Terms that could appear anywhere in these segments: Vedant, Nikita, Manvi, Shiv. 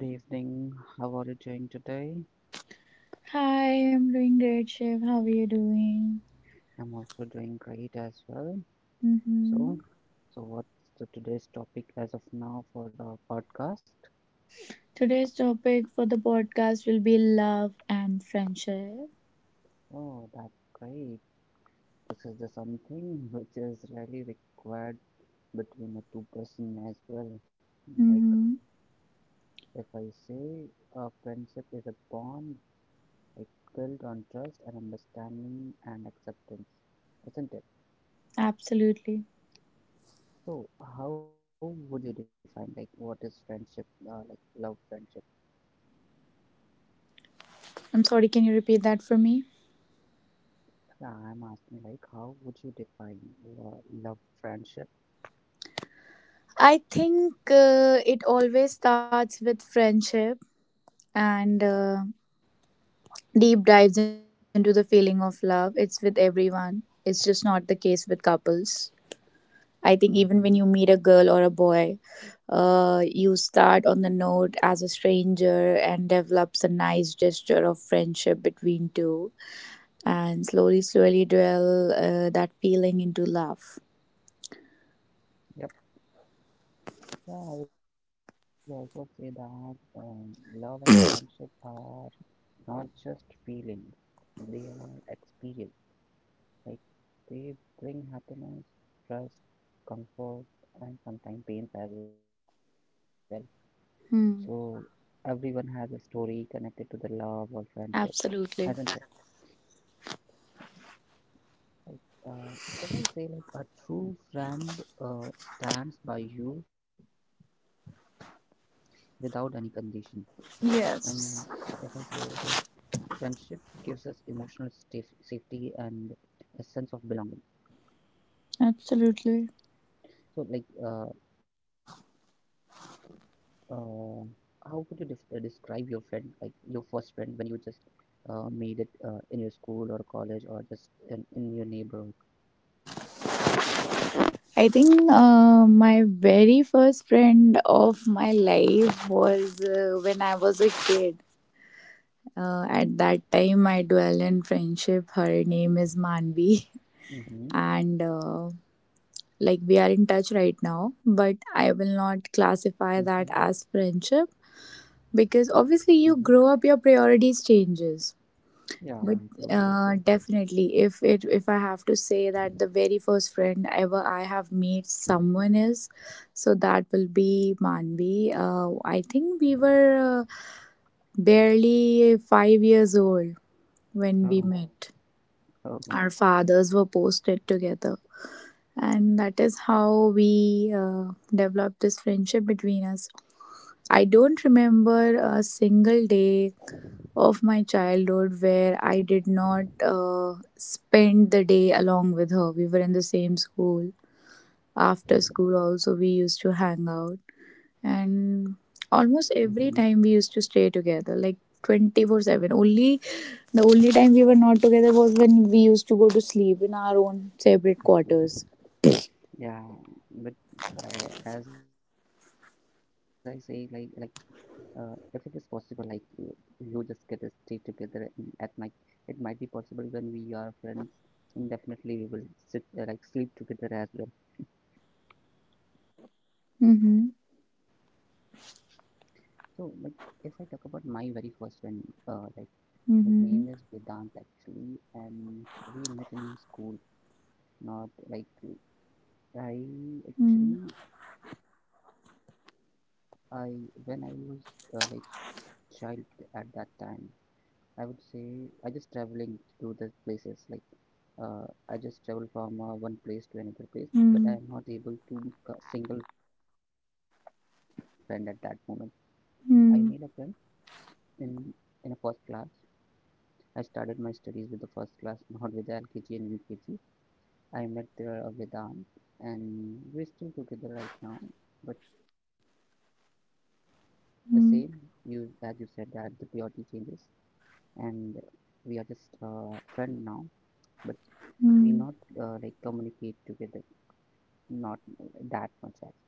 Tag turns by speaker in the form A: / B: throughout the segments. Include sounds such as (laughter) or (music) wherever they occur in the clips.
A: Good evening. How are you doing today?
B: Hi, I'm doing great, Shiv. How are you doing?
A: I'm also doing great as well.
B: Mm-hmm.
A: So, so, what's the today's topic as of now for the podcast?
B: Today's topic for the podcast will be love and friendship.
A: Oh, that's great. This is the something which is really required between a two-person as well. Like
B: Mm-hmm.
A: if I say a friendship is a bond like built on trust and understanding and acceptance, isn't it?
B: Absolutely.
A: So, how would you define like what is friendship, like love friendship?
B: I'm sorry, can you repeat that for me?
A: Yeah, I'm asking like how would you define love friendship?
B: I think it always starts with friendship and deep dives into the feeling of love. It's with everyone, it's just not the case with couples. I think
A: Mm-hmm.
B: even when you meet a girl or a boy, you start on the note as a stranger and develops a nice gesture of friendship between two, and slowly, slowly dwell that feeling into love.
A: Yep. Yeah, I would also say that love and friendship are not just feelings; they are experience. Like they bring happiness, trust, comfort, and sometimes pains as well. So everyone has
B: Hmm.
A: a story connected to the love or friendship, isn't it?
B: Absolutely.
A: Like, uh, if I say like a true friend stands by you without any condition, and if I say like
B: Yes.
A: friendship gives us emotional sta safety and a sense of belonging.
B: Absolutely.
A: So like, uh, uh, how could you def describe your friend, like your first friend, when you just made it in your school or college or just in your neighborhood?
B: I think my very first friend of my life was when I was a kid. At that time, I dwell in friendship. Her name is Manvi. (laughs)
A: Mm-hmm,
B: And like we are in touch right now, but I
A: mm-hmm,
B: will not classify that as friendship
A: mm-hmm.
B: because obviously you grow up, your priorities changes.
A: Yeah,
B: But
A: I truly agree.
B: definitely, if I have to say that the very first friend ever I have made someone is, so that will be Manvi. I think we were barely 5 years old when we
A: Oh.
B: met.
A: Oh,
B: Our fathers were posted together, and that is how we developed this friendship between us. I don't remember a single day of my childhood where I did not spend the day along with her. We were in the same school, after school also we used to hang out, and
A: hmm.
B: almost every time we used to stay together, like 24/7 only. The only time we were not together was when we used to go to sleep in our own separate quarters.
A: Yeah, but as I say, like uh, if it is possible, like you just get to stay together at night. It might be possible when we are friends, and definitely we will sit like sleep together as well.
B: Mhm.
A: So like if I talk about my very first friend, like his
B: Mhm.
A: name is Vedant actually, and we met in school. Not like
B: Mm.
A: I actually I when I was uh, like child at that time, I would say I just traveling to the places like uh, I just travel from one place to another place, but I
B: Mm.
A: am not able to make a single friend at that moment. I made a friend
B: Mm.
A: in in a first class. I started my studies with the first class, (laughs) not with the LKG and UKG. I met there with aunt, and we're still together right now. But the same, you as you said
B: Hmm.
A: that the priority changes and we are just friend now, but we
B: Mm.
A: not like communicate together, not that much. As.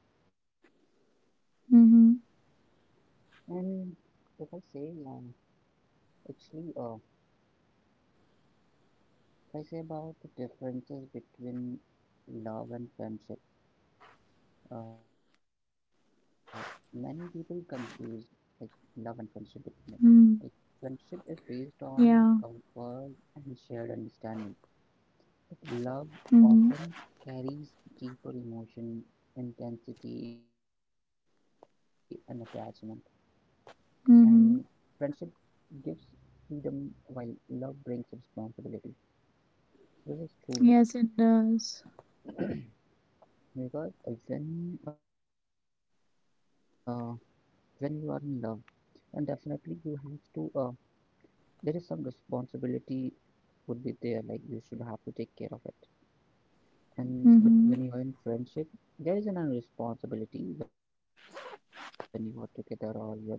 B: Mhm.
A: And if I say, um, actually, if I say about the differences between love and friendship, uh, many people confuse like love and friendship between it.
B: Mm.
A: Like friendship is based
B: Yeah.
A: on comfort and shared understanding. Love
B: Mhm.
A: often carries deeper emotion, intensity, and attachment, and friendship
B: Mhm.
A: gives freedom while love brings responsibility. This is true
B: Yes, it does.
A: because when uh, when you are in love, and definitely you have to there is some responsibility would be there, like you should have to take care of it. And but
B: Mhm.
A: when you are in friendship, there is an responsibility when you are together or you are just living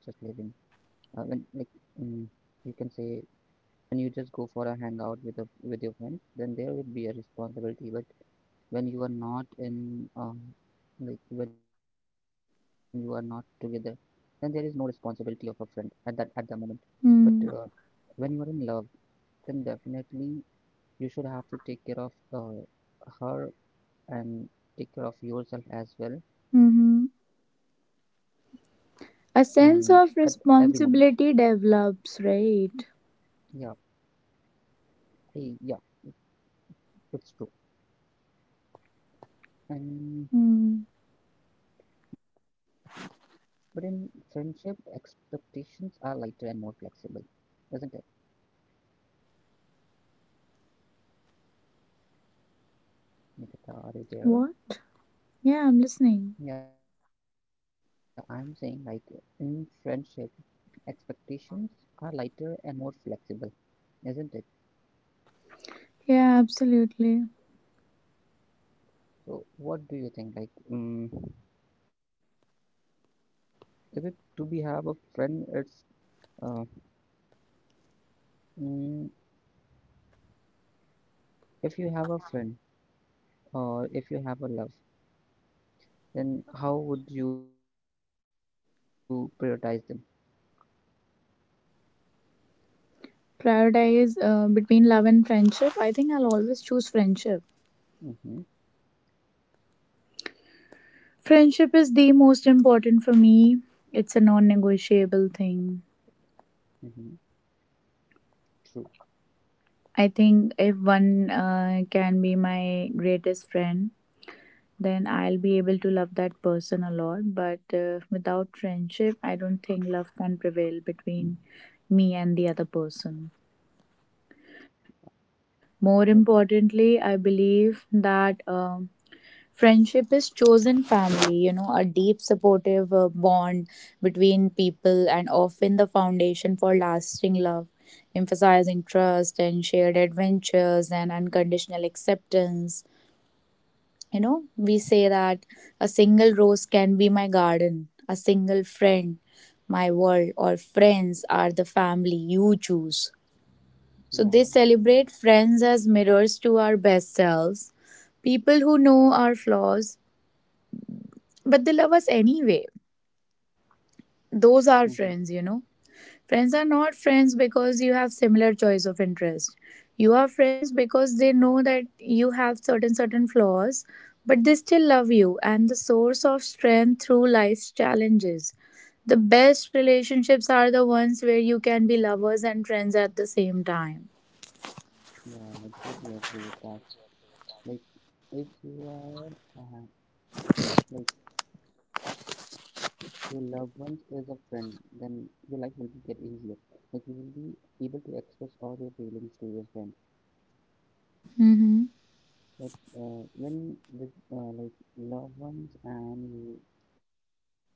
A: when like mm you can say when you just go for a hangout with a with your friends, then there would be a responsibility. But when you are not in like when you are not together, then there is no responsibility of a friend at that moment. But uh,
B: Mm.
A: when you are in love, then definitely you should have to take care of uh, her and take care of yourself as well,
B: Mhm.
A: and at every
B: A
A: moment.
B: sense of responsibility develops, right?
A: Yeah, yeah, it's true. and
B: Mm.
A: But in friendship, expectations are lighter and more flexible, isn't it, Nikita? Are you
B: What?
A: there?
B: Yeah, I'm listening.
A: Yeah, I'm saying like in friendship, expectations are lighter and more flexible, isn't it?
B: Yeah, absolutely.
A: So, what do you think? Like, is it to be have a friend? Uh, mm, if you have a friend or if you have a love, then how would you prioritize them?
B: Prioritize between love and friendship, I think I'll always choose friendship.
A: Mm-hmm,
B: Friendship is the most important for me. It's a non-negotiable thing.
A: mm-hmm, true.
B: I think if one can be my greatest friend, then I'll be able to love that person a lot. But without friendship, I don't think love can prevail between me and the other person. More
A: Like,
B: importantly, I believe that friendship is chosen family, you know, a deep supportive bond between people and often the foundation for lasting love, emphasizing trust and shared adventures and unconditional acceptance. You know, we say that a single rose can be my garden, a single friend my world, or friends are the family you choose. So they
A: yeah.
B: celebrate friends as mirrors to our best selves, people who know our flaws, but they love us anyway.
A: Mhm.
B: Those are friends, you know. Friends are not friends because you have similar choice of interest. You are friends because they know that you have certain flaws, but they still love you, and the source of strength through life's challenges. The best relationships are the ones where you can be lovers and friends at the same time.
A: Yeah, I absolutely agree with that. Like, if you are, like your loved ones is a friend, then your life will be get easier. Like you will be able to express all your feelings to your friend.
B: Mm-hmm.
A: But when with like loved ones and like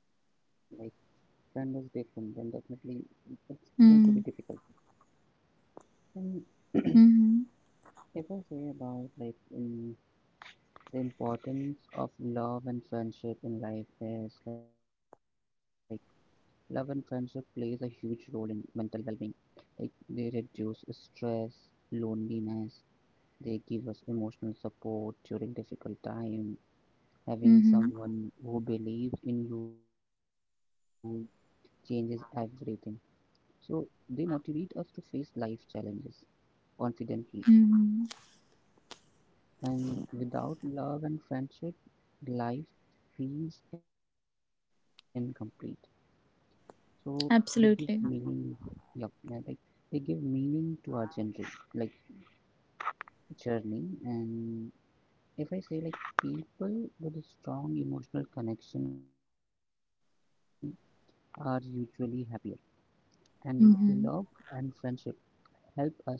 A: friend is different, then definitely it's going to be difficult.
B: Mm-hmm.
A: And (clears throat)
B: Mm-hmm.
A: if I say about like the importance of love and friendship in life is like, love and friendship plays a huge role in mental well-being. Like they reduce stress, loneliness, they give us emotional support during difficult time. Having
B: Mm-hmm.
A: someone who believes in you changes everything. So they motivate us to face life challenges confidently.
B: Mm-hmm.
A: And without love and friendship, life feels incomplete. So they give meaning,
B: Absolutely.
A: yeah, yeah, like they give meaning to our generation, like journey. And if I say like people with a strong emotional connection are usually happier, and love
B: Mm-hmm.
A: and friendship help us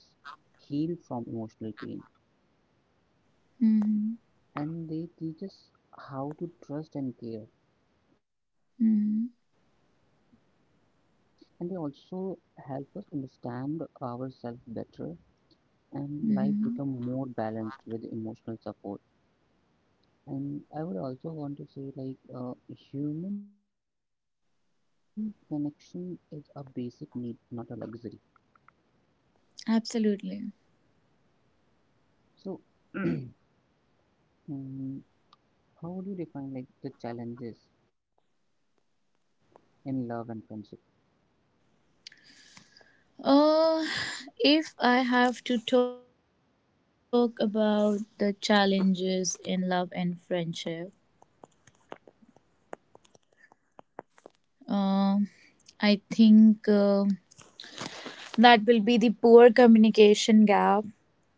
A: heal from emotional pain,
B: Mm-hmm.
A: and they teach us how to trust and care,
B: Mm-hmm.
A: and they also help us understand ourselves better and life
B: Mm-hmm.
A: become more balanced with emotional support. And I would also want to say like human connection is a basic need, not a luxury.
B: Absolutely.
A: So (clears throat) mm, how would you define like the challenges in love and friendship?
B: Uh, if I have to talk about the challenges in love and friendship, uh, I think that will be the poor communication gap,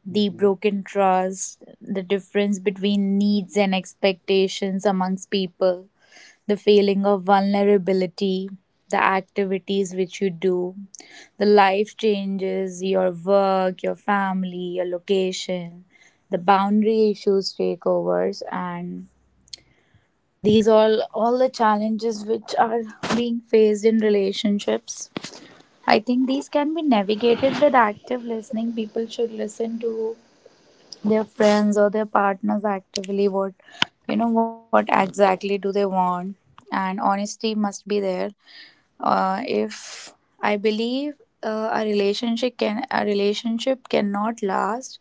B: the
A: Hmm.
B: broken trust, the difference between needs and expectations amongst people, the feeling of vulnerability, the activities which you do, the life changes, your work, your family, your location, the boundary issues takeovers, and these all the challenges which are being faced in relationships. I think these can be navigated with active listening. People should listen to their friends or their partners actively, what, you know, what exactly do they want, and honesty must be there. If I believe a relationship cannot last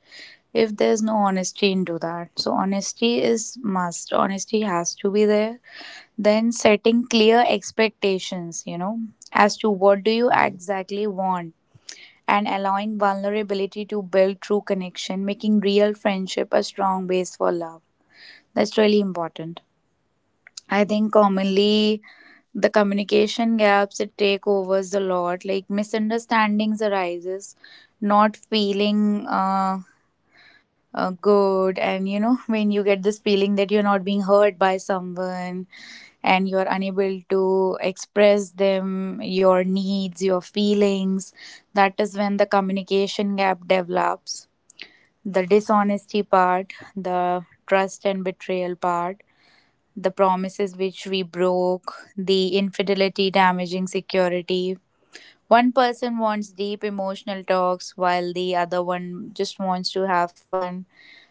B: if there's no honesty into that. So honesty is must. Honesty has to be there. Then setting clear expectations, you know, as to
A: Hmm.
B: what do you exactly want, and allowing vulnerability to build true connection, making real friendship a strong base for love. That's really important. I think commonly the communication gaps, it take overs a lot, like misunderstandings arises, not feeling good, and you know (laughs) when you get this feeling that you're not being heard by someone and you are unable to express them your needs, your feelings, that is when the communication gap develops. The dishonesty part, the trust and betrayal part, the promises which we broke, the infidelity damaging security. One person wants deep emotional talks while the other one just wants to have fun.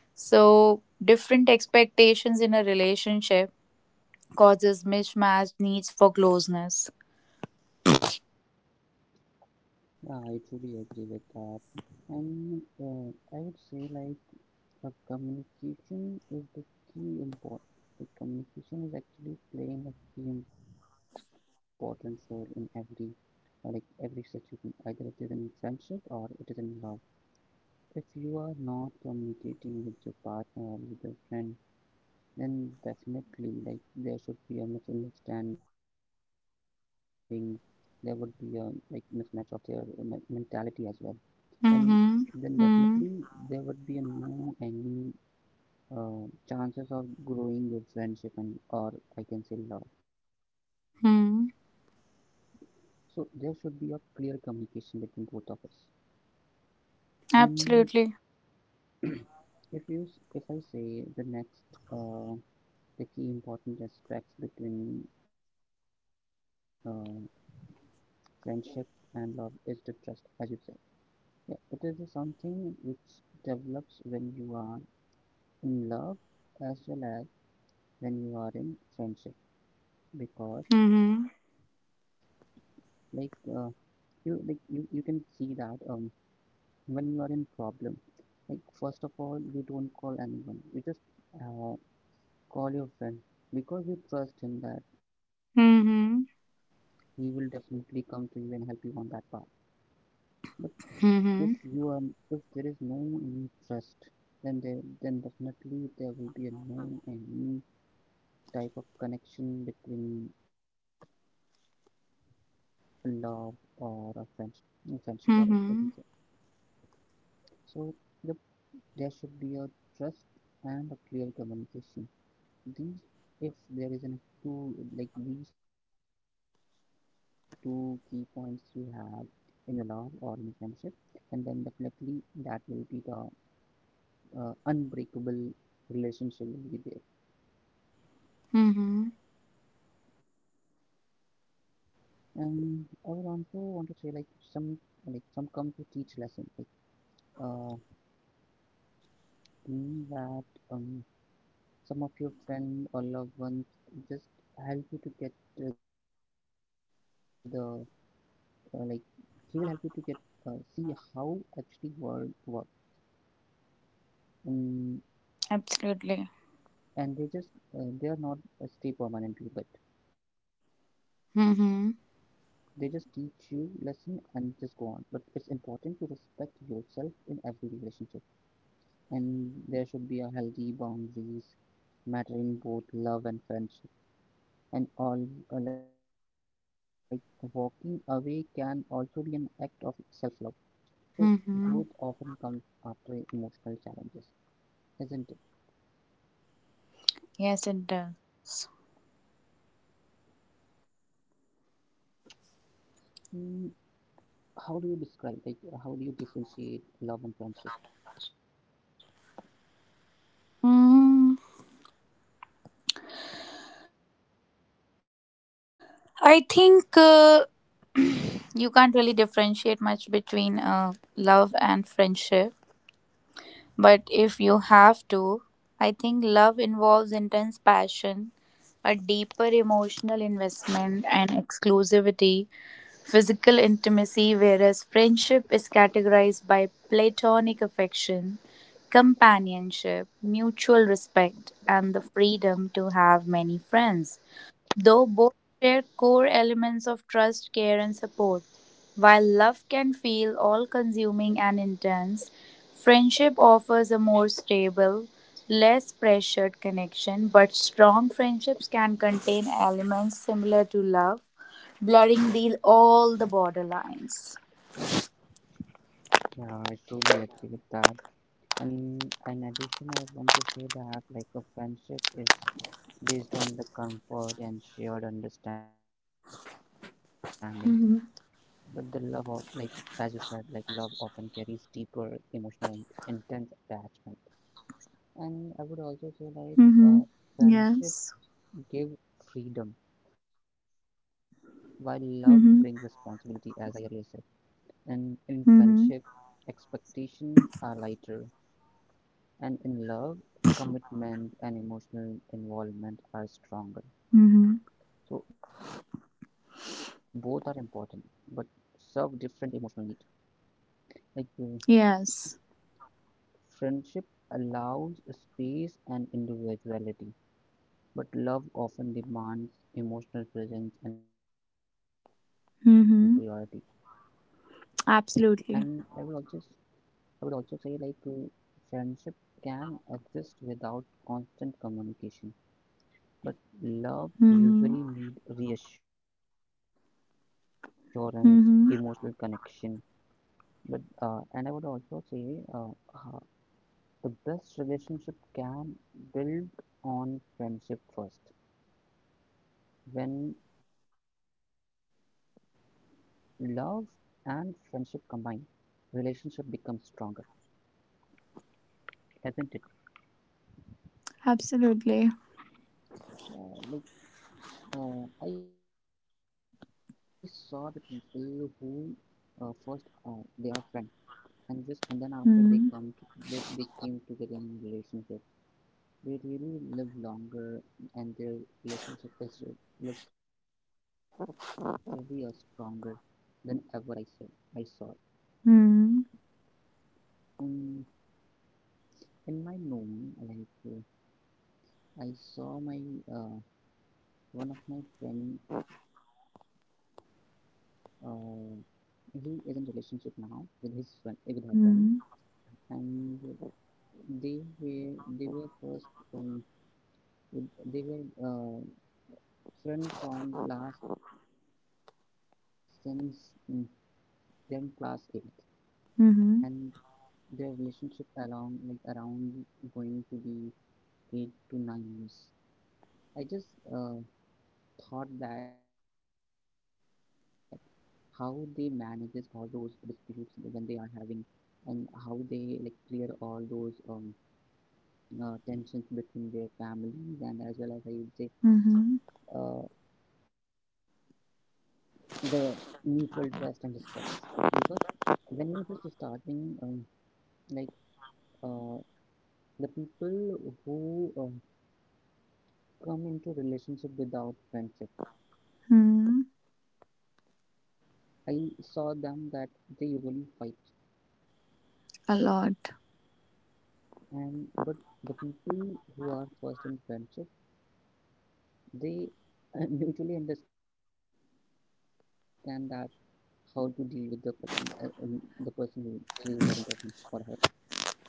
B: So, different expectations in a relationship causes mismatched needs for closeness.
A: Yeah, I truly agree with that. And I would say like communication is the key important. The communication is actually playing a key important role in like every situation, either it is in friendship or it is in love. If you are not communicating with your partner or with your friend, then definitely like there should be a misunderstanding. There would be a like mismatch of their mentality as well, and
B: Mhm.
A: then
B: Mhm.
A: definitely there would be a no any chances of growing your friendship, and or I can say love.
B: Mhm.
A: So there should be a clear communication between both of us. And
B: Absolutely.
A: (clears throat) If you, if I say the next, uh, the key important aspects between friendship and love is the trust, as you said. Yeah, it is the something which develops when you are in love as well as when you are in friendship, because like
B: Mhm.
A: you can see that when you are in problem, like first of all you don't call anyone, you just uh, call your friend because you trust him that he will definitely come to you and
B: Mhm.
A: help you on that path. But if you are if
B: Mhm.
A: there is no any trust, then definitely there will be a no any type of connection between love or a friendship or I can say.
B: Mhm.
A: So yep, there should be a trust and a clear communication. These, if there is an two like these two key points you have in your love or in your friendship, and then definitely that will be the unbreakable relationship will be there.
B: Mhm.
A: And I would also want to say like some some come to teach lesson. Like uh, mean that um some of your friend or loved ones just help you to get to the, uh, like he will help you to get see how actually world work. Um, and they just they are
B: Absolutely.
A: not stay permanently, but they just teach you lesson and just go on.
B: Mhm.
A: But it's important to respect yourself in every relationship, and there should be a healthy boundaries mattering both love and friendship. And all walking away can also be an act of self-love. So growth often comes after emotional
B: Mhm.
A: challenges, isn't it?
B: Yes, it does.
A: Mm. How do you describe like how do you differentiate love and friendship?
B: Mm, I think (clears throat) you can't really differentiate much between love and friendship. But if you have to, I think love involves intense passion, a deeper emotional investment, and exclusivity, physical intimacy, whereas friendship is categorized by platonic affection, companionship, mutual respect, and the freedom to have many friends. Though both share core elements of trust, care, and support. While love can feel all consuming and intense, friendship offers a more stable, less pressured connection. But strong friendships can contain elements similar to love, blurring the, all the borderlines.
A: Yeah, I truly agree with that. And in addition, I want to say that like a friendship is based on the comfort and shared understanding. But the love of like as you said, like love often carries deeper emotional and intense attachment. And I would also
B: Mm-hmm.
A: say like
B: Yes.
A: friendship give freedom while love brings
B: Mm-hmm.
A: responsibility as I earlier said. And in
B: Mm-hmm.
A: friendship expectation are lighter. And in love, commitment and emotional involvement are stronger.
B: Mm-hmm.
A: So both are important, but serve different emotional need. Like
B: Yes.
A: friendship allows space and individuality, but love often demands emotional presence and priority.
B: Mm-hmm.
A: And I would also, s-
B: Absolutely.
A: I would also say like friendship can exist without constant communication. But love
B: Mm-hmm.
A: usually need reassurance, emotional connection.
B: Mm-hmm.
A: But and I would also say uh, the best relationship can build on friendship first. When love and friendship combine, relationship becomes stronger, has not it?
B: Absolutely.
A: Yeah, like I saw the people who first they are friends, and then after they
B: Hmm.
A: come to, they came together in a relationship. They really live longer, and their relationship is literally a stronger than ever I saw.
B: Hmm.
A: In in my known, like I saw my, uh, one of my friend, uh, he is in relationship now with with her friend,
B: Hmm.
A: and they were they were first, um, they were uh, friend from last since they're in class 8, and
B: Mhm.
A: their relationship along like around going to be 8 to 9 years. I just uh, thought that how they manages all those disputes when they are having, and how they like clear all those tensions between their families, and as well as I would say
B: Mhm.
A: uh, the mutual trust and respects, because when you just starting, um, like uh, the people who come into relationship without friendship,
B: Hmm.
A: I saw them that they usually fight.
B: A lot.
A: And but the people who are first in friendship, they (laughs) usually understand that how to deal with the the person who is in front of him or her.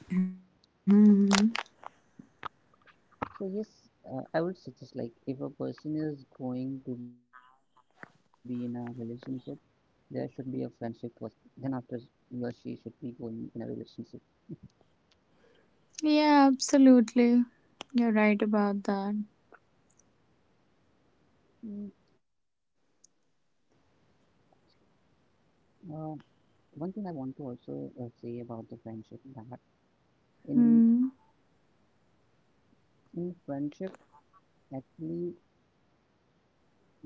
B: Hmm.
A: So yes, I would suggest like if a person is going to be in a relationship, there should be a friendship first. Then after he or she should be going in a relationship.
B: Yeah, absolutely. You're right about that.
A: Mm, Uh, one thing I want to also say about the friendship, that in
B: Hmm.
A: in friendship actually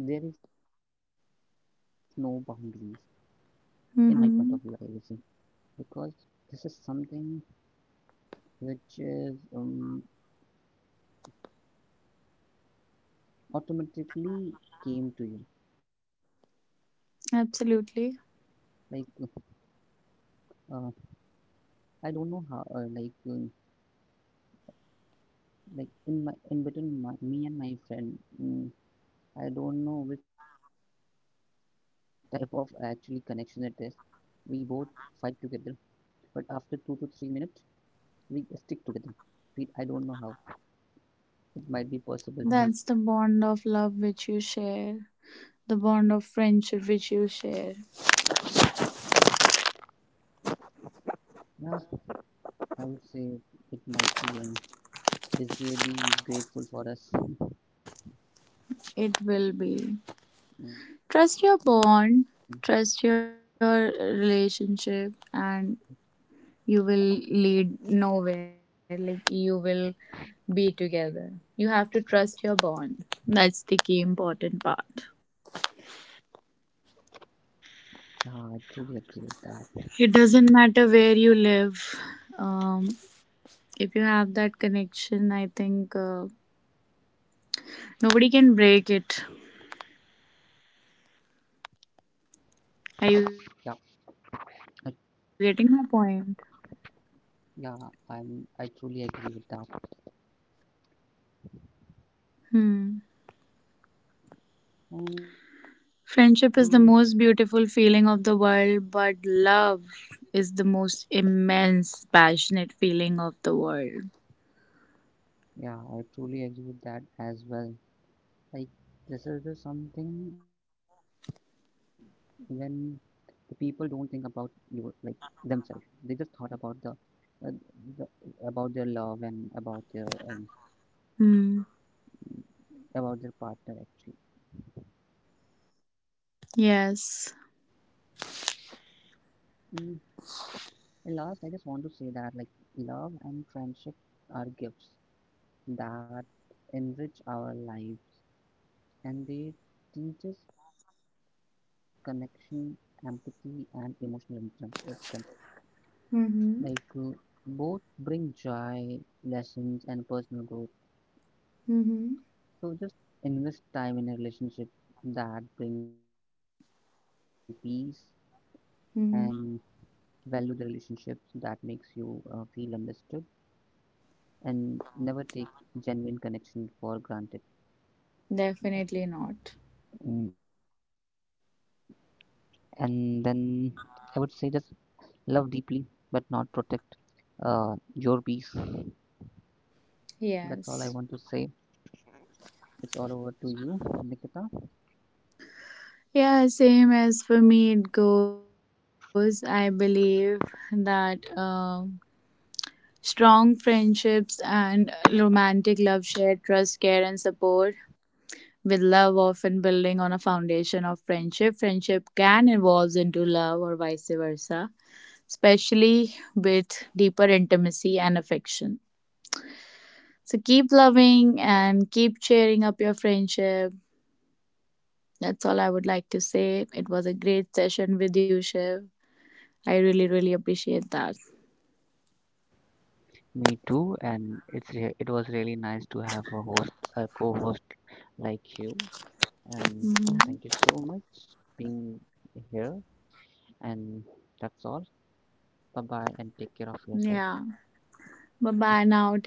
A: there is no boundaries, in my point of view I will say,
B: Hmm.
A: because this is something which is automatically came to you. Like
B: Absolutely.
A: uh, I don't know how like in my, in between my, me and my friend. mm I don't know which type of actually connection it is. We both fight together, but after 2 to 3 minutes, we stick together. I don't know how. It might be possible. Like,
B: That's the bond of love which you share. The bond of friendship which you share.
A: yeah, I would say it might be, and it is really grateful for us.
B: It will be.
A: Mm.
B: Trust your bond. Trust your relationship and you will lead nowhere, like you will be together. You have to trust your bond. That's the key important part.
A: Yeah, I truly agree with that.
B: It doesn't matter where you live, um, if you have that connection, I think nobody can break it.
A: Yeah,
B: Are you
A: I,
B: getting my point?
A: yeah, I truly agree with that.
B: Hmm.
A: Um,
B: Friendship is the most beautiful feeling of the world, but love is the most immense passionate feeling of the world.
A: yeah, I truly agree with that as well. Like, this is just something when the people don't think about you like themselves, they just thought uh, the about their love and about their um,
B: Hmm.
A: about their partner actually.
B: Yes.
A: Mm, and last I just want to say that like love and friendship are gifts that enrich our lives, and they teach us connection, empathy and emotional strength. Like
B: Mm-hmm.
A: both bring joy, lessons and personal growth.
B: Mm-hmm.
A: So just invest time in a relationship that bring peace, and
B: Mm-hmm.
A: value the relationships that makes you feel understood, and never take genuine connection for granted.
B: Definitely not.
A: Mm, And then I would say just love deeply but not protect your peace. That's all I want to
B: Yes.
A: say. It's all over to you, Nikita.
B: Yeah, same as for me it goes. I believe that strong friendships and romantic love share trust, care, and support. With love often building on a foundation of friendship, friendship can evolve into love or vice versa, especially with deeper intimacy and affection. So keep loving and keep cheering up your friendship. That's all I would like to say. It was a great session with you, Shiv. I really, really appreciate that.
A: Me too, and it was really nice to have a host, a co-host like you. And thank you
B: Mhm.
A: so much being here, and that's all. Bye bye, and take
B: Yeah.
A: care of yourself.
B: Bye bye now. Take care.